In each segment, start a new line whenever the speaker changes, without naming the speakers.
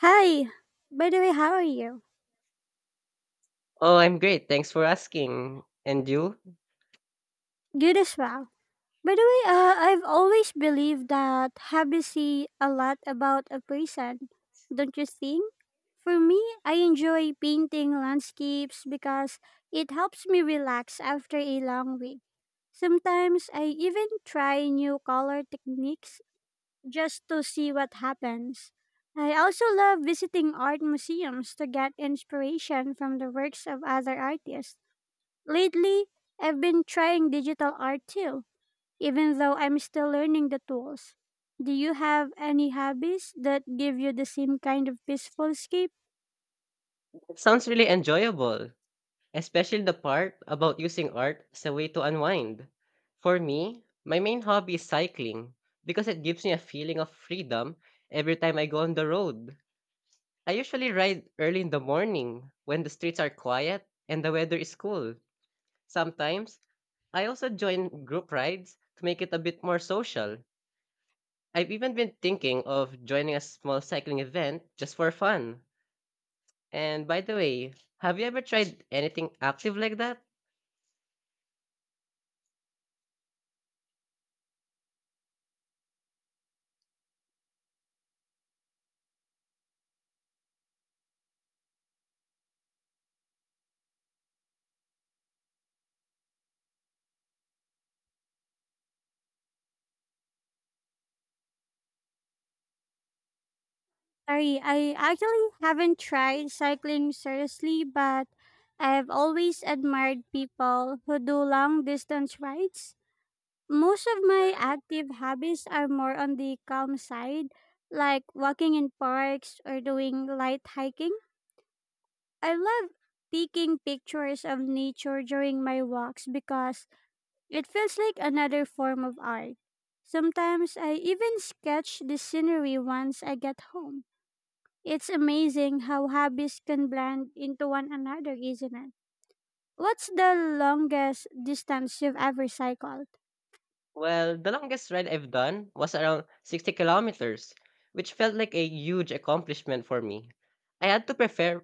Hi. By the way, how are you?
Oh, I'm great. Thanks for asking. And you?
Good as well. By the way, I've always believed that habits say a lot about a person, don't you think? For me, I enjoy painting landscapes because it helps me relax after a long week. Sometimes I even try new color techniques just to see what happens. I also love visiting art museums to get inspiration from the works of other artists. Lately, I've been trying digital art too, even though I'm still learning the tools. Do you have any hobbies that give you the same kind of peaceful escape?
It sounds really enjoyable, especially the part about using art as a way to unwind. For me, my main hobby is cycling because it gives me a feeling of freedom every time I go on the road. I usually ride early in the morning when the streets are quiet and the weather is cool. Sometimes, I also join group rides to make it a bit more social. I've even been thinking of joining a small cycling event just for fun. And by the way, have you ever tried anything active like that?
Sorry, I actually haven't tried cycling seriously, but I've always admired people who do long distance rides. Most of my active hobbies are more on the calm side, like walking in parks or doing light hiking. I love taking pictures of nature during my walks because it feels like another form of art. Sometimes I even sketch the scenery once I get home. It's amazing how hobbies can blend into one another, isn't it? What's the longest distance you've ever cycled?
Well, the longest ride I've done was around 60 kilometers, which felt like a huge accomplishment for me. I had to prepare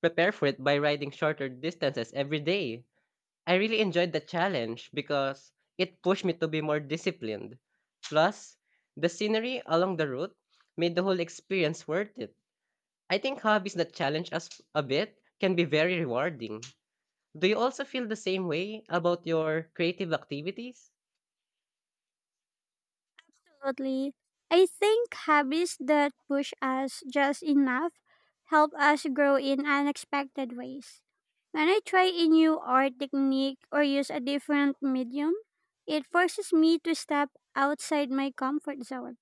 prepare for it by riding shorter distances every day. I really enjoyed the challenge because it pushed me to be more disciplined. Plus, the scenery along the route made the whole experience worth it. I think hobbies that challenge us a bit can be very rewarding. Do you also feel the same way about your creative activities?
Absolutely. I think habits that push us just enough help us grow in unexpected ways. When I try a new art technique or use a different medium, it forces me to step outside my comfort zone.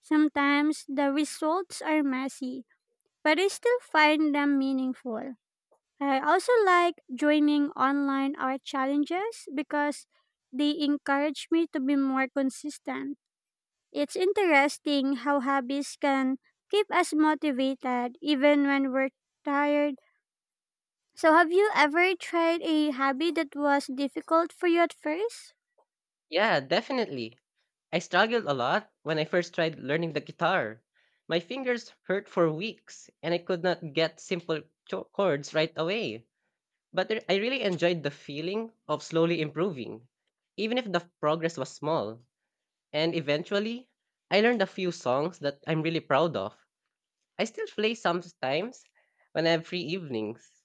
Sometimes the results are messy, but I still find them meaningful. I also like joining online art challenges because they encourage me to be more consistent. It's interesting how hobbies can keep us motivated even when we're tired. So, have you ever tried a hobby that was difficult for you at first?
Yeah, definitely. I struggled a lot when I first tried learning the guitar. My fingers hurt for weeks and I could not get simple chords right away. But I really enjoyed the feeling of slowly improving, even if the progress was small. And eventually, I learned a few songs that I'm really proud of. I still play sometimes when I have free evenings.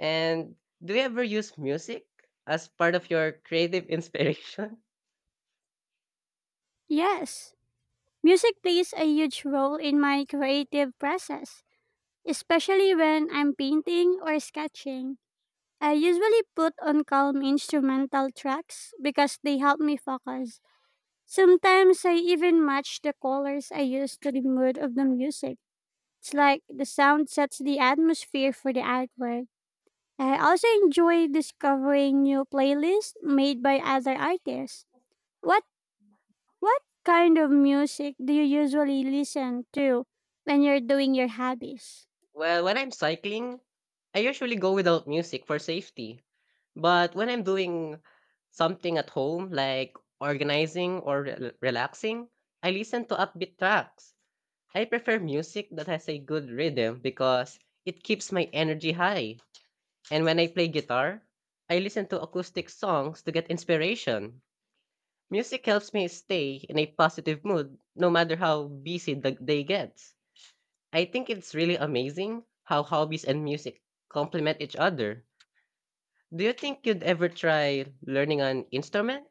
And do you ever use music as part of your creative inspiration?
Yes. Music plays a huge role in my creative process, especially when I'm painting or sketching. I usually put on calm instrumental tracks because they help me focus. Sometimes I even match the colors I use to the mood of the music. It's like the sound sets the atmosphere for the artwork. I also enjoy discovering new playlists made by other artists. What what kind of music do you usually listen to when you're doing your hobbies?
Well, when I'm cycling, I usually go without music for safety. But when I'm doing something at home, like organizing or relaxing, I listen to upbeat tracks. I prefer music that has a good rhythm because it keeps my energy high. And when I play guitar, I listen to acoustic songs to get inspiration. Music helps me stay in a positive mood no matter how busy the day gets. I think it's really amazing how hobbies and music complement each other. Do you think you'd ever try learning an instrument?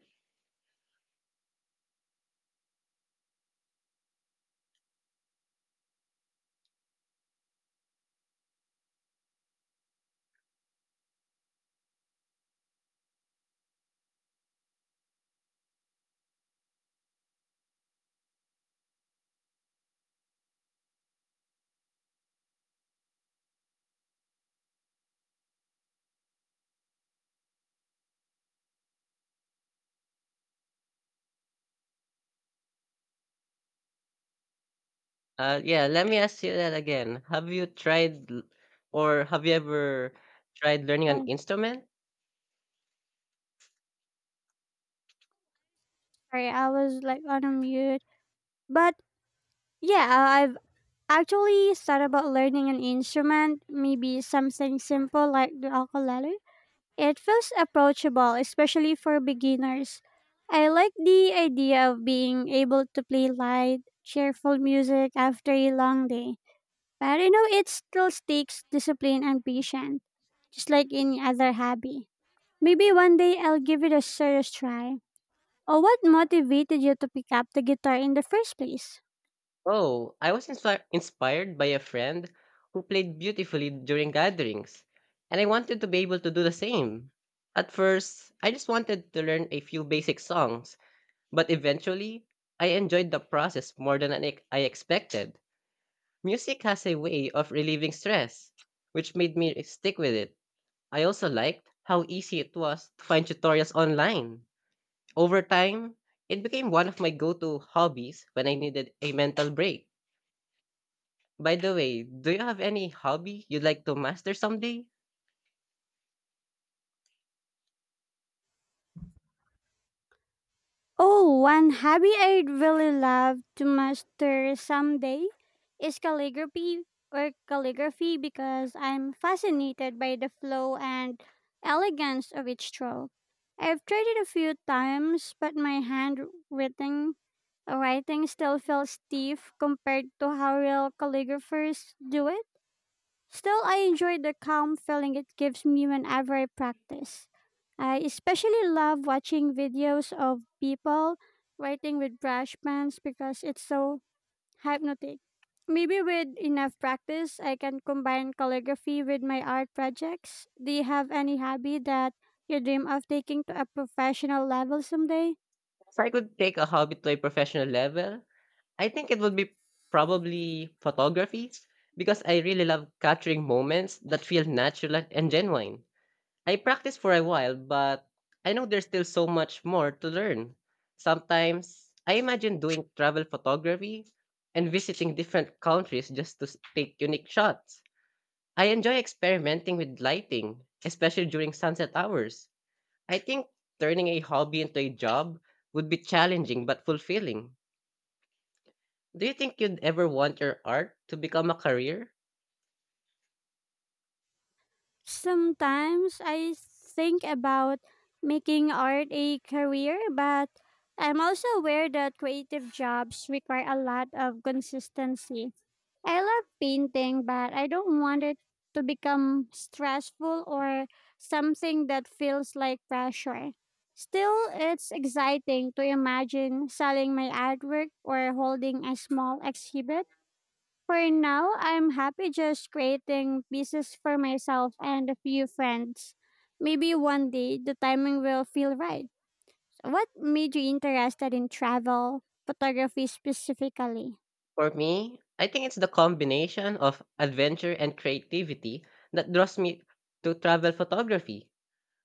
Yeah, let me ask you that again. Have you ever tried learning an
Oh,
instrument?
sorry, I was like on a mute. But yeah, I've actually thought about learning an instrument, maybe something simple like the ukulele. It feels approachable, especially for beginners. I like the idea of being able to play light, cheerful music after a long day. But you know, it still takes discipline and patience, just like any other hobby. Maybe one day I'll give it a serious try. Or what motivated you to pick up the guitar in the first place?
Oh, I was inspired by a friend who played beautifully during gatherings, and I wanted to be able to do the same. At first, I just wanted to learn a few basic songs, but eventually, I enjoyed the process more than I expected. Music has a way of relieving stress, which made me stick with it. I also liked how easy it was to find tutorials online. Over time, it became one of my go to hobbies when I needed a mental break. By the way, do you have any hobby you'd like to master someday?
Oh, one hobby I'd really love to master someday is calligraphy or calligraphy because I'm fascinated by the flow and elegance of each stroke. I've tried it a few times, but my handwriting writing still feels stiff compared to how real calligraphers do it. Still, I enjoy the calm feeling it gives me whenever I practice. I especially love watching videos of people writing with brush pens because it's so hypnotic. Maybe with enough practice, I can combine calligraphy with my art projects. Do you have any hobby that you dream of taking to a professional level someday?
If I could take a hobby to a professional level, I think it would be probably photography because I really love capturing moments that feel natural and genuine. I practiced for a while, but I know there's still so much more to learn. Sometimes I imagine doing travel photography and visiting different countries just to take unique shots. I enjoy experimenting with lighting, especially during sunset hours. I think turning a hobby into a job would be challenging but fulfilling. Do you think you'd ever want your art to become a career?
Sometimes I think about making art a career, but I'm also aware that creative jobs require a lot of consistency. I love painting, but I don't want it to become stressful or something that feels like pressure. Still, it's exciting to imagine selling my artwork or holding a small exhibit for now, I'm happy just creating pieces for myself and a few friends. Maybe one day the timing will feel right. So, what made you interested in travel photography specifically?
For me, I think it's the combination of adventure and creativity that draws me to travel photography.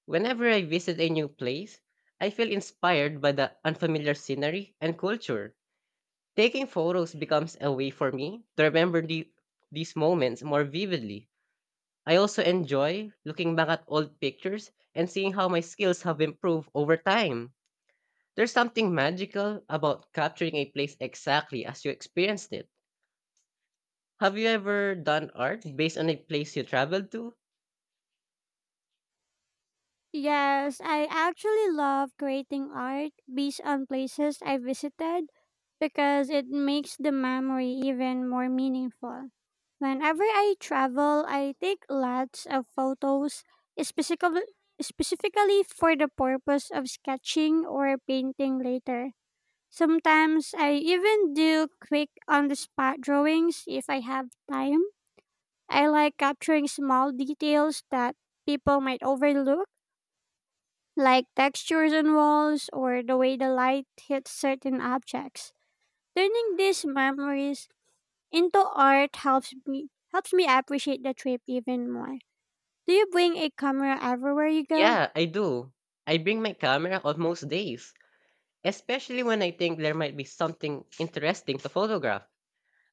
Whenever I visit a new place, I feel inspired by the unfamiliar scenery and culture. Taking photos becomes a way for me to remember these moments more vividly. I also enjoy looking back at old pictures and seeing how my skills have improved over time. There's something magical about capturing a place exactly as you experienced it. Have you ever done art based on a place you traveled to?
Yes, I actually love creating art based on places I visited because it makes the memory even more meaningful. Whenever I travel, I take lots of photos, specifically, specifically for the purpose of sketching or painting later. Sometimes I even do quick on the spot drawings if I have time. I like capturing small details that people might overlook like textures on walls or the way the light hits certain objects. Turning these memories into art helps me appreciate the trip even more. Do you bring a camera everywhere you go?
Yeah, I do. I bring my camera on most days, especially when I think there might be something interesting to photograph.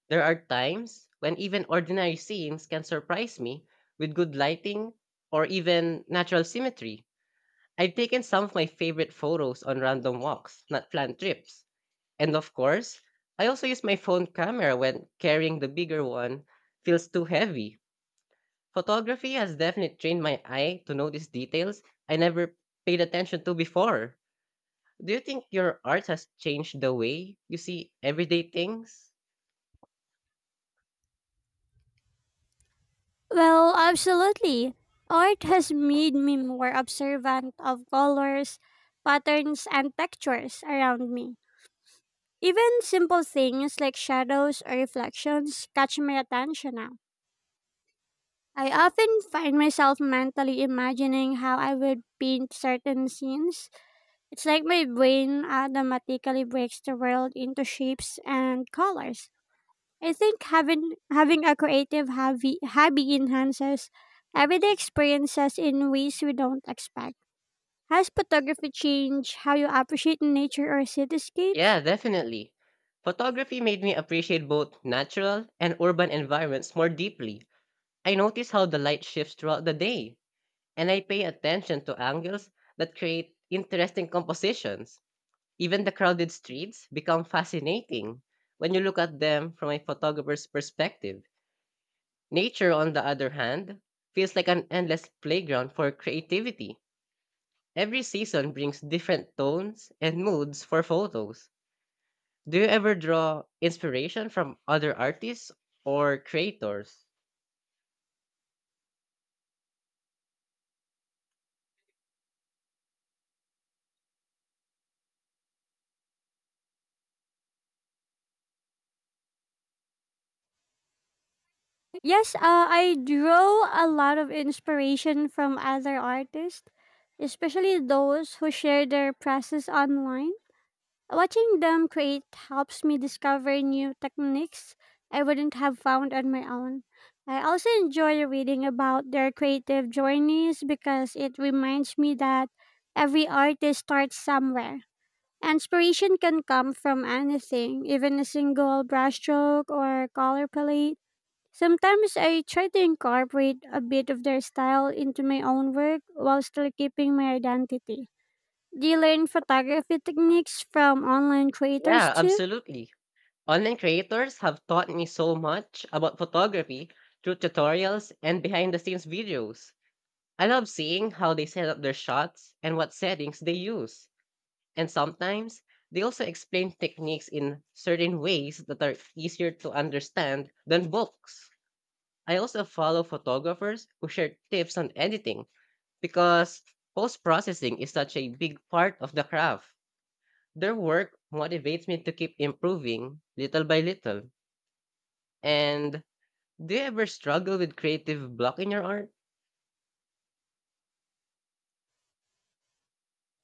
There are times when even ordinary scenes can surprise me with good lighting or even natural symmetry. I've taken some of my favorite photos on random walks, not planned trips. And of course, I also use my phone camera when carrying the bigger one feels too heavy. Photography has definitely trained my eye to notice details I never paid attention to before. Do you think your art has changed the way you see everyday things?
Well, absolutely. Art has made me more observant of colors, patterns, and textures around me. Even simple things like shadows or reflections catch my attention now. I often find myself mentally imagining how I would paint certain scenes. It's like my brain automatically breaks the world into shapes and colors. I think having a creative hobby enhances everyday experiences in ways we don't expect. Has photography changed how you appreciate nature or
Yeah,
cityscapes?
definitely. Photography made me appreciate both natural and urban environments more deeply. I notice how the light shifts throughout the day and I pay attention to angles that create interesting compositions. Even the crowded streets become fascinating when you look at them from a photographer's perspective. Nature, on the other hand, feels like an endless playground for creativity. Every season brings different tones and moods for photos. Do you ever draw inspiration from other artists or creators?
Yes, I draw a lot of inspiration from other artists, especially those who share their process online. Watching them create helps me discover new techniques I wouldn't have found on my own. I also enjoy reading about their creative journeys because it reminds me that every artist starts somewhere. Inspiration can come from anything, even a single brushstroke or color palette. Sometimes I try to incorporate a bit of their style into my own work while still keeping my identity. Do you learn photography techniques from online creators
Yeah,
too?
absolutely. Online creators have taught me so much about photography through tutorials and behind the scenes videos. I love seeing how they set up their shots and what settings they use. And sometimes they also explain techniques in certain ways that are easier to understand than books. I also follow photographers who share tips on editing because post processing is such a big part of the craft. Their work motivates me to keep improving little by little. And do you ever struggle with creative block in your art?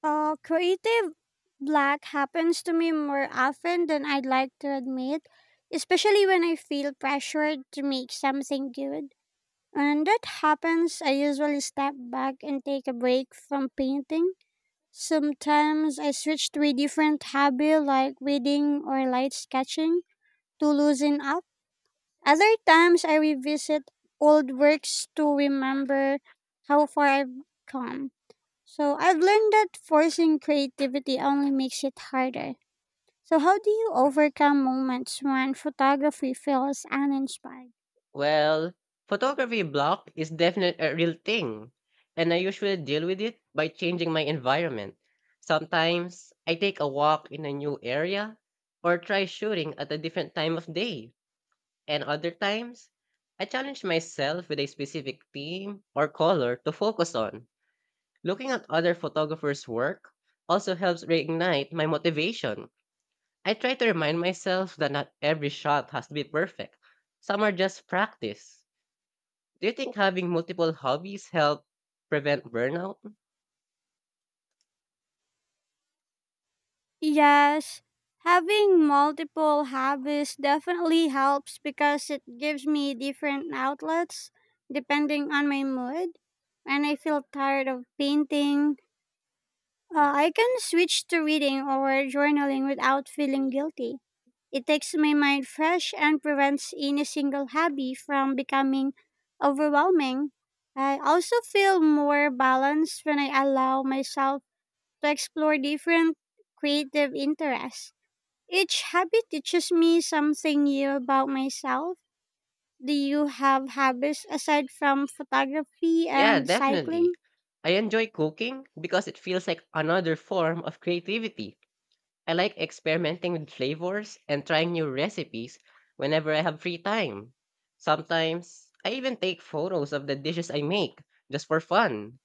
Creative black happens to me more often than I'd like to admit, especially when I feel pressured to make something good. When that happens, I usually step back and take a break from painting. Sometimes I switch to a different hobby like reading or light sketching to loosen up. Other times I revisit old works to remember how far I've come. So I've learned that forcing creativity only makes it harder. So how do you overcome moments when photography feels uninspired?
Well, photography block is definitely a real thing, and I usually deal with it by changing my environment. Sometimes I take a walk in a new area or try shooting at a different time of day, and other times I challenge myself with a specific theme or color to focus on. Looking at other photographers' work also helps reignite my motivation. I try to remind myself that not every shot has to be perfect. Some are just practice. Do you think having multiple hobbies help prevent burnout?
Yes, having multiple hobbies definitely helps because it gives me different outlets depending on my mood. When I feel tired of painting, I can switch to reading or journaling without feeling guilty. It takes my mind fresh and prevents any single hobby from becoming overwhelming. I also feel more balanced when I allow myself to explore different creative interests. Each habit teaches me something new about myself. Do you have habits aside from photography
Yeah,
and
definitely.
cycling?
I enjoy cooking because it feels like another form of creativity. I like experimenting with flavors and trying new recipes whenever I have free time. Sometimes, I even take photos of the dishes I make just for fun.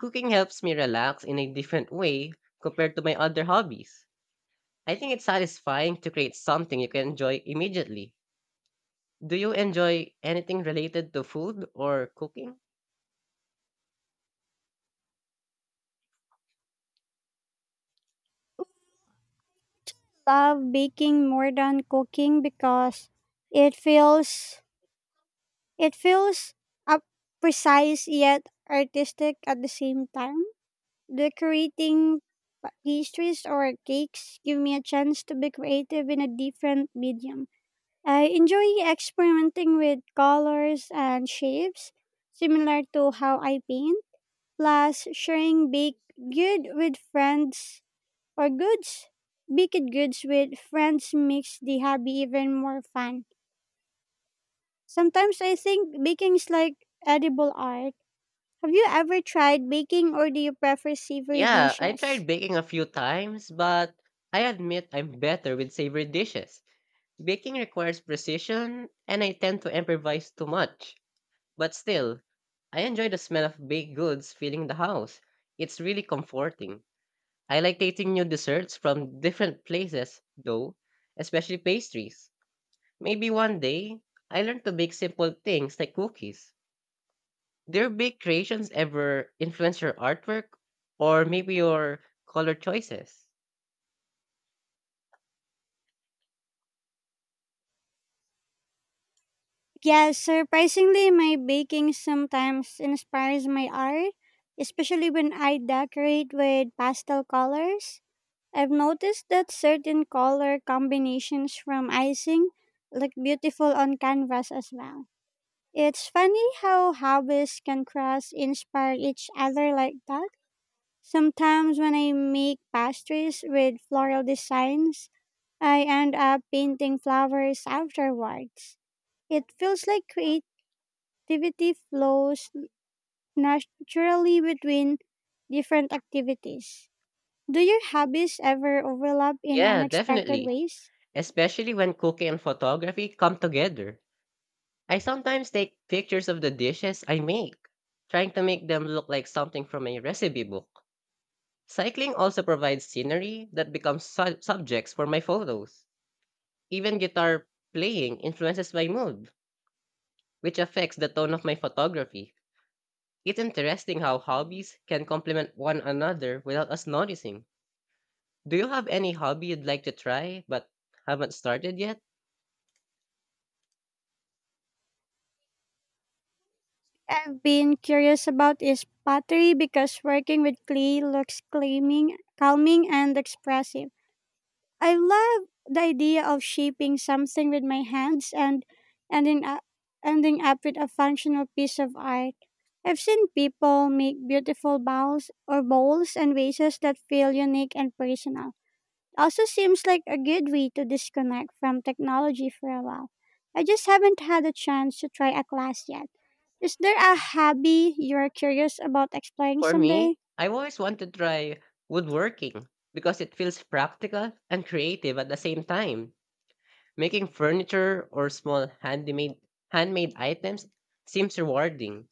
Cooking helps me relax in a different way compared to my other hobbies. I think it's satisfying to create something you can enjoy immediately. Do you enjoy anything related to food or cooking?
Love baking more than cooking because it feels it feels up precise yet artistic at the same time. Decorating pastries or cakes give me a chance to be creative in a different medium. I enjoy experimenting with colors and shapes, similar to how I paint, plus sharing baked good with friends or goods. Baked goods with friends makes the hobby even more fun. Sometimes I think baking's like edible art. Have you ever tried baking or do you prefer savory
Yeah, I
dishes?
tried baking a few times, but I admit I'm better with savory dishes. Baking requires precision, and I tend to improvise too much. But still, I enjoy the smell of baked goods filling the house. It's really comforting. I like tasting new desserts from different places, though, especially pastries. Maybe one day, I learned to bake simple things like cookies. Do your big creations ever influence your artwork or maybe your color choices?
Yeah, surprisingly, my baking sometimes inspires my art, especially when I decorate with pastel colors. I've noticed that certain color combinations from icing look beautiful on canvas as well. It's funny how hobbies can cross inspire each other like that. Sometimes when I make pastries with floral designs, I end up painting flowers afterwards. It feels like creating creativity flows naturally between different activities. Do your hobbies ever overlap in
Yeah,
unexpected
definitely.
ways?
Especially when cooking and photography come together. I sometimes take pictures of the dishes I make, trying to make them look like something from a recipe book. Cycling also provides scenery that becomes subjects for my photos. Even guitar playing influences my mood, which affects the tone of my photography. It's interesting how hobbies can complement one another without us noticing. Do you have any hobby you'd like to try but haven't started yet?
I've been curious about is pottery because working with clay looks calming and expressive. I love the idea of shaping something with my hands and ending up, ending up with a functional piece of art. I've seen people make beautiful bowls and vases that feel unique and personal. Also seems like a good way to disconnect from technology for a while. I just haven't had a chance to try a class yet. Is there a hobby you're curious about exploring
For
someday?
me, I've always wanted to try woodworking because it feels practical and creative at the same time. Making furniture or small handmade items seems rewarding.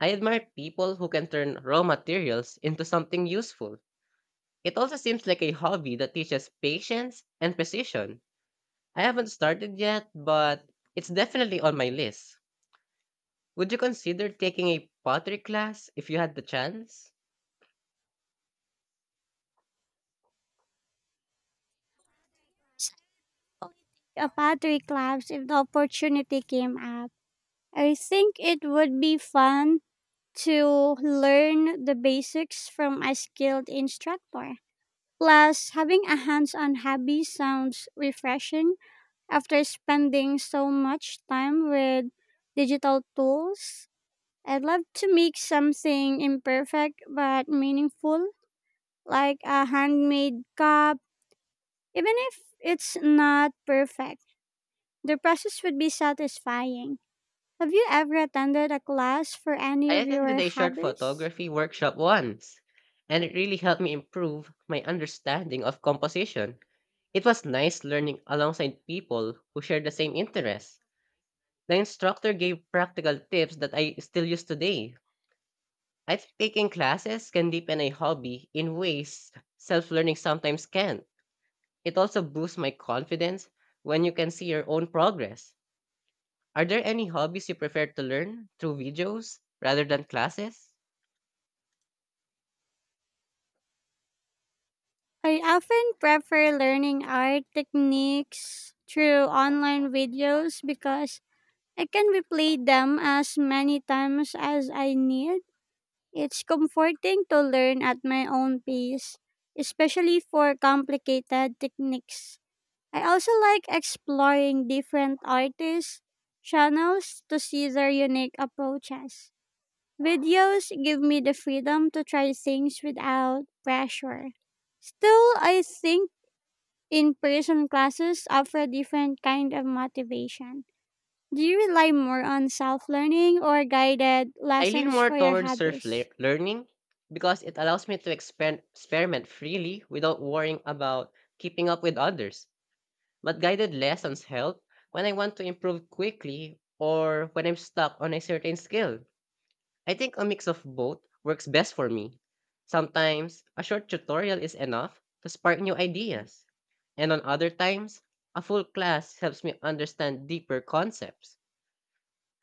I admire people who can turn raw materials into something useful. It also seems like a hobby that teaches patience and precision. I haven't started yet, but it's definitely on my list. Would you consider taking a pottery class if you had the chance?
Certainly take a pottery class if the opportunity came up. I think it would be fun to learn the basics from a skilled instructor. Plus, having a hands on hobby sounds refreshing. After spending so much time with digital tools, I'd love to make something imperfect but meaningful, like a handmade cup, even if it's not perfect. The process would be satisfying. Have you ever attended a class for any
I
of
attended
your
a short
hobbies?
photography workshop once, and it really helped me improve my understanding of composition. It was nice learning alongside people who share the same interests. The instructor gave practical tips that I still use today. I think taking classes can deepen a hobby in ways self learning sometimes can. Not It also boosts my confidence when you can see your own progress. Are there any hobbies you prefer to learn through videos rather than classes?
I often prefer learning art techniques through online videos because I can replay them as many times as I need. It's comforting to learn at my own pace, especially for complicated techniques. I also like exploring different artists' channels to see their unique approaches. Videos give me the freedom to try things without pressure. Still, I think in person classes offer a different kind of motivation. Do you rely more on self learning or guided
I lean
lessons
more
for your
towards
hobbies?
learning because it allows me to experiment freely without worrying about keeping up with others. But guided lessons help when I want to improve quickly or when I'm stuck on a certain skill. I think a mix of both works best for me. Sometimes a short tutorial is enough to spark new ideas, and on other times, a full class helps me understand deeper concepts.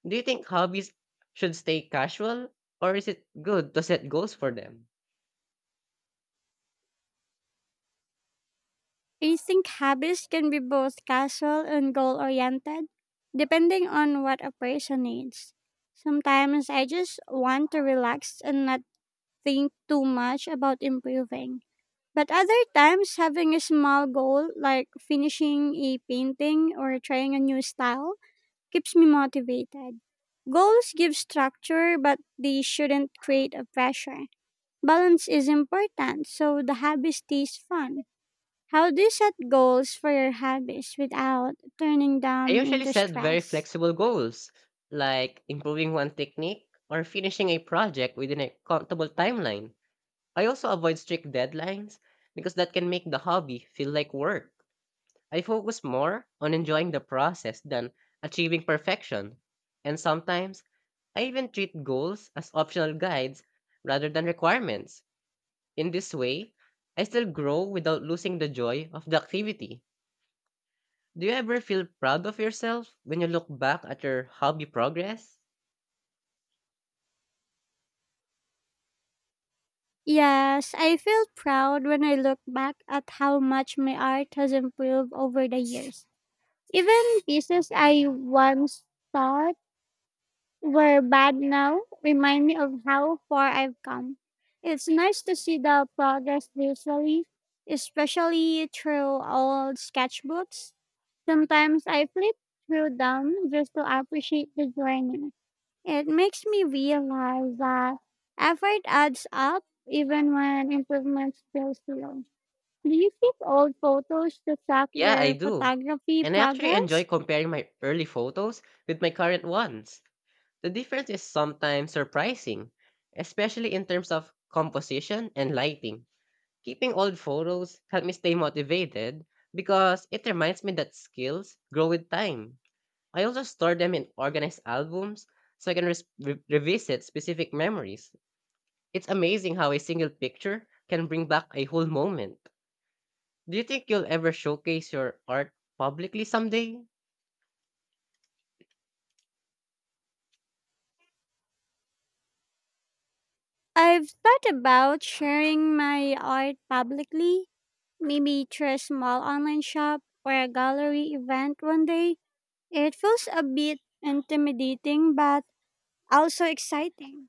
Do you think hobbies should stay casual, or is it good to set goals for them?
I think habits can be both casual and goal oriented, depending on what a person needs. Sometimes I just want to relax and not think too much about improving. But other times, having a small goal like finishing a painting or trying a new style keeps me motivated. Goals give structure, but they shouldn't create a pressure. Balance is important, so the habit stays fun. How do you set goals for your hobbies without turning
I
them
usually
into
set very
stress?
flexible goals, like improving one technique or finishing a project within a comfortable timeline. I also avoid strict deadlines because that can make the hobby feel like work. I focus more on enjoying the process than achieving perfection, and sometimes I even treat goals as optional guides rather than requirements. In this way, I still grow without losing the joy of the activity. Do you ever feel proud of yourself when you look back at your hobby progress?
Yes, I feel proud when I look back at how much my art has improved over the years. Even pieces I once thought were bad now remind me of how far I've come. It's nice to see the progress visually, especially through old sketchbooks. Sometimes I flip through them just to appreciate the journey. It makes me realize that effort adds up even when improvements feel slow. Do you keep old photos to track
Yeah, I
your
do.
photography
And I actually enjoy
progress?
comparing my early photos with my current ones. The difference is sometimes surprising, especially in terms of composition and lighting. Keeping old photos help me stay motivated because it reminds me that skills grow with time. I also store them in organized albums so I can revisit specific memories. It's amazing how a single picture can bring back a whole moment. Do you think you'll ever showcase your art publicly someday?
I've thought about sharing my art publicly, maybe through a small online shop or a gallery event one day. It feels a bit intimidating but also exciting.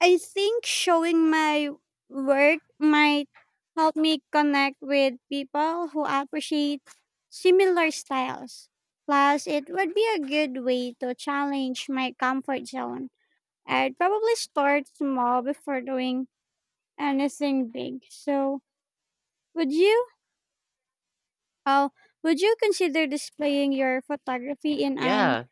I think showing my work might help me connect with people who appreciate similar styles. Plus, it would be a good way to challenge my comfort zone. I'd probably start small before doing anything big. So, would you? Oh, would you consider displaying your photography in an
Yeah,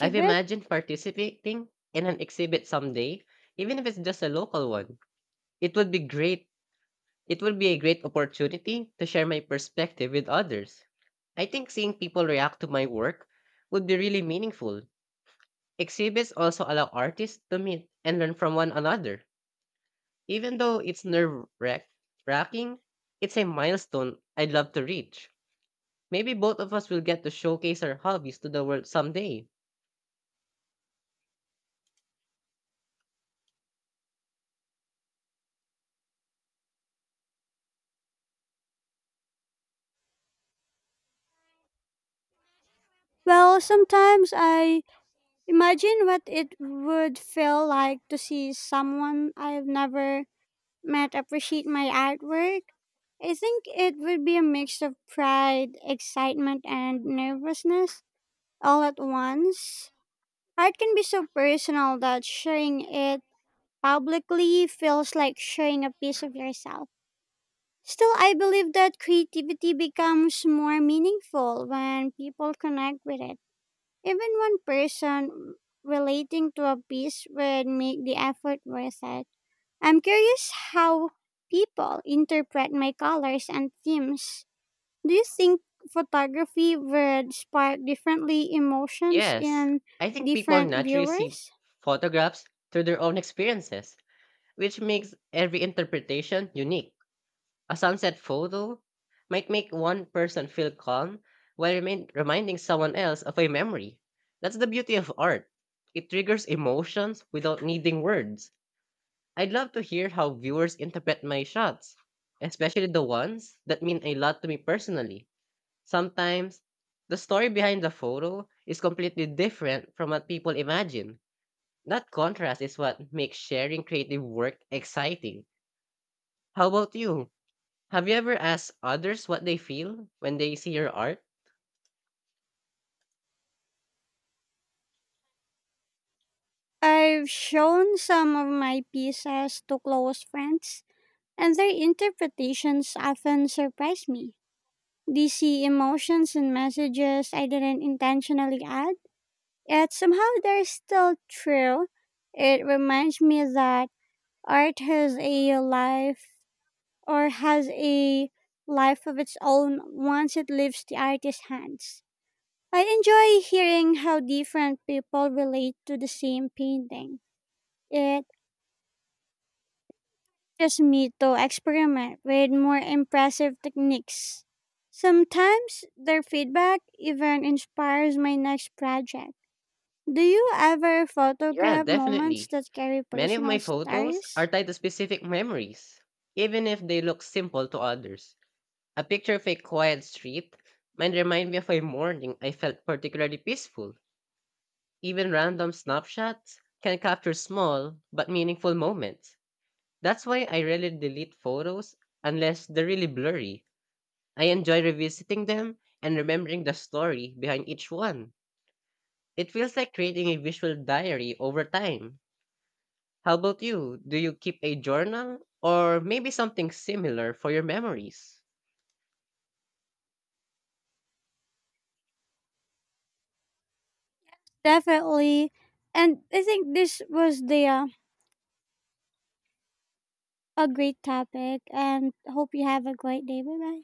I've imagined participating in an exhibit someday, even if it's just a local one. It would be great It would be a great opportunity to share my perspective with others. I think seeing people react to my work would be really meaningful. Exhibits also allow artists to meet and learn from one another. Even though it's wracking, it's a milestone I'd love to reach. Maybe both of us will get to showcase our hobbies to the world someday.
Well, sometimes I imagine what it would feel like to see someone I've never met appreciate my artwork. I think it would be a mix of pride, excitement, and nervousness all at once. Art can be so personal that sharing it publicly feels like sharing a piece of yourself. Still, I believe that creativity becomes more meaningful when people connect with it. Even one person relating to a piece would make the effort worth it. I'm curious how people interpret my colors and themes. Do you think photography would spark differently emotions
Yes,
in
I think people
different
naturally see
viewers?
photographs through their own experiences, which makes every interpretation unique. A sunset photo might make one person feel calm while reminding someone else of a memory. That's the beauty of art. It triggers emotions without needing words. I'd love to hear how viewers interpret my shots, especially the ones that mean a lot to me personally. Sometimes, the story behind the photo is completely different from what people imagine. That contrast is what makes sharing creative work exciting. How about you? Have you ever asked others what they feel when they see your art?
I've shown some of my pieces to close friends, and their interpretations often surprise me. They see emotions and messages I didn't intentionally ask. Yet somehow they're still true. It reminds me that art has a life of its own once it leaves the artist's hands. I enjoy hearing how different people relate to the same painting. It pushes me to experiment with more impressive techniques. Sometimes their feedback even inspires my next project. Do you ever
Yeah,
photograph moments
definitely.
that carry
Many of my
personal
photos are
stories?
tied to specific memories, even if they look simple to others. A picture of a quiet street might remind me of a morning I felt particularly peaceful. Even random snapshots can capture small but meaningful moments. That's why I rarely delete photos unless they're really blurry. I enjoy revisiting them and remembering the story behind each one. It feels like creating a visual diary over time. How about you? Do you keep a journal or maybe something similar for your memories?
Definitely. And I think this was the a great topic and hope you have a great day. Bye bye.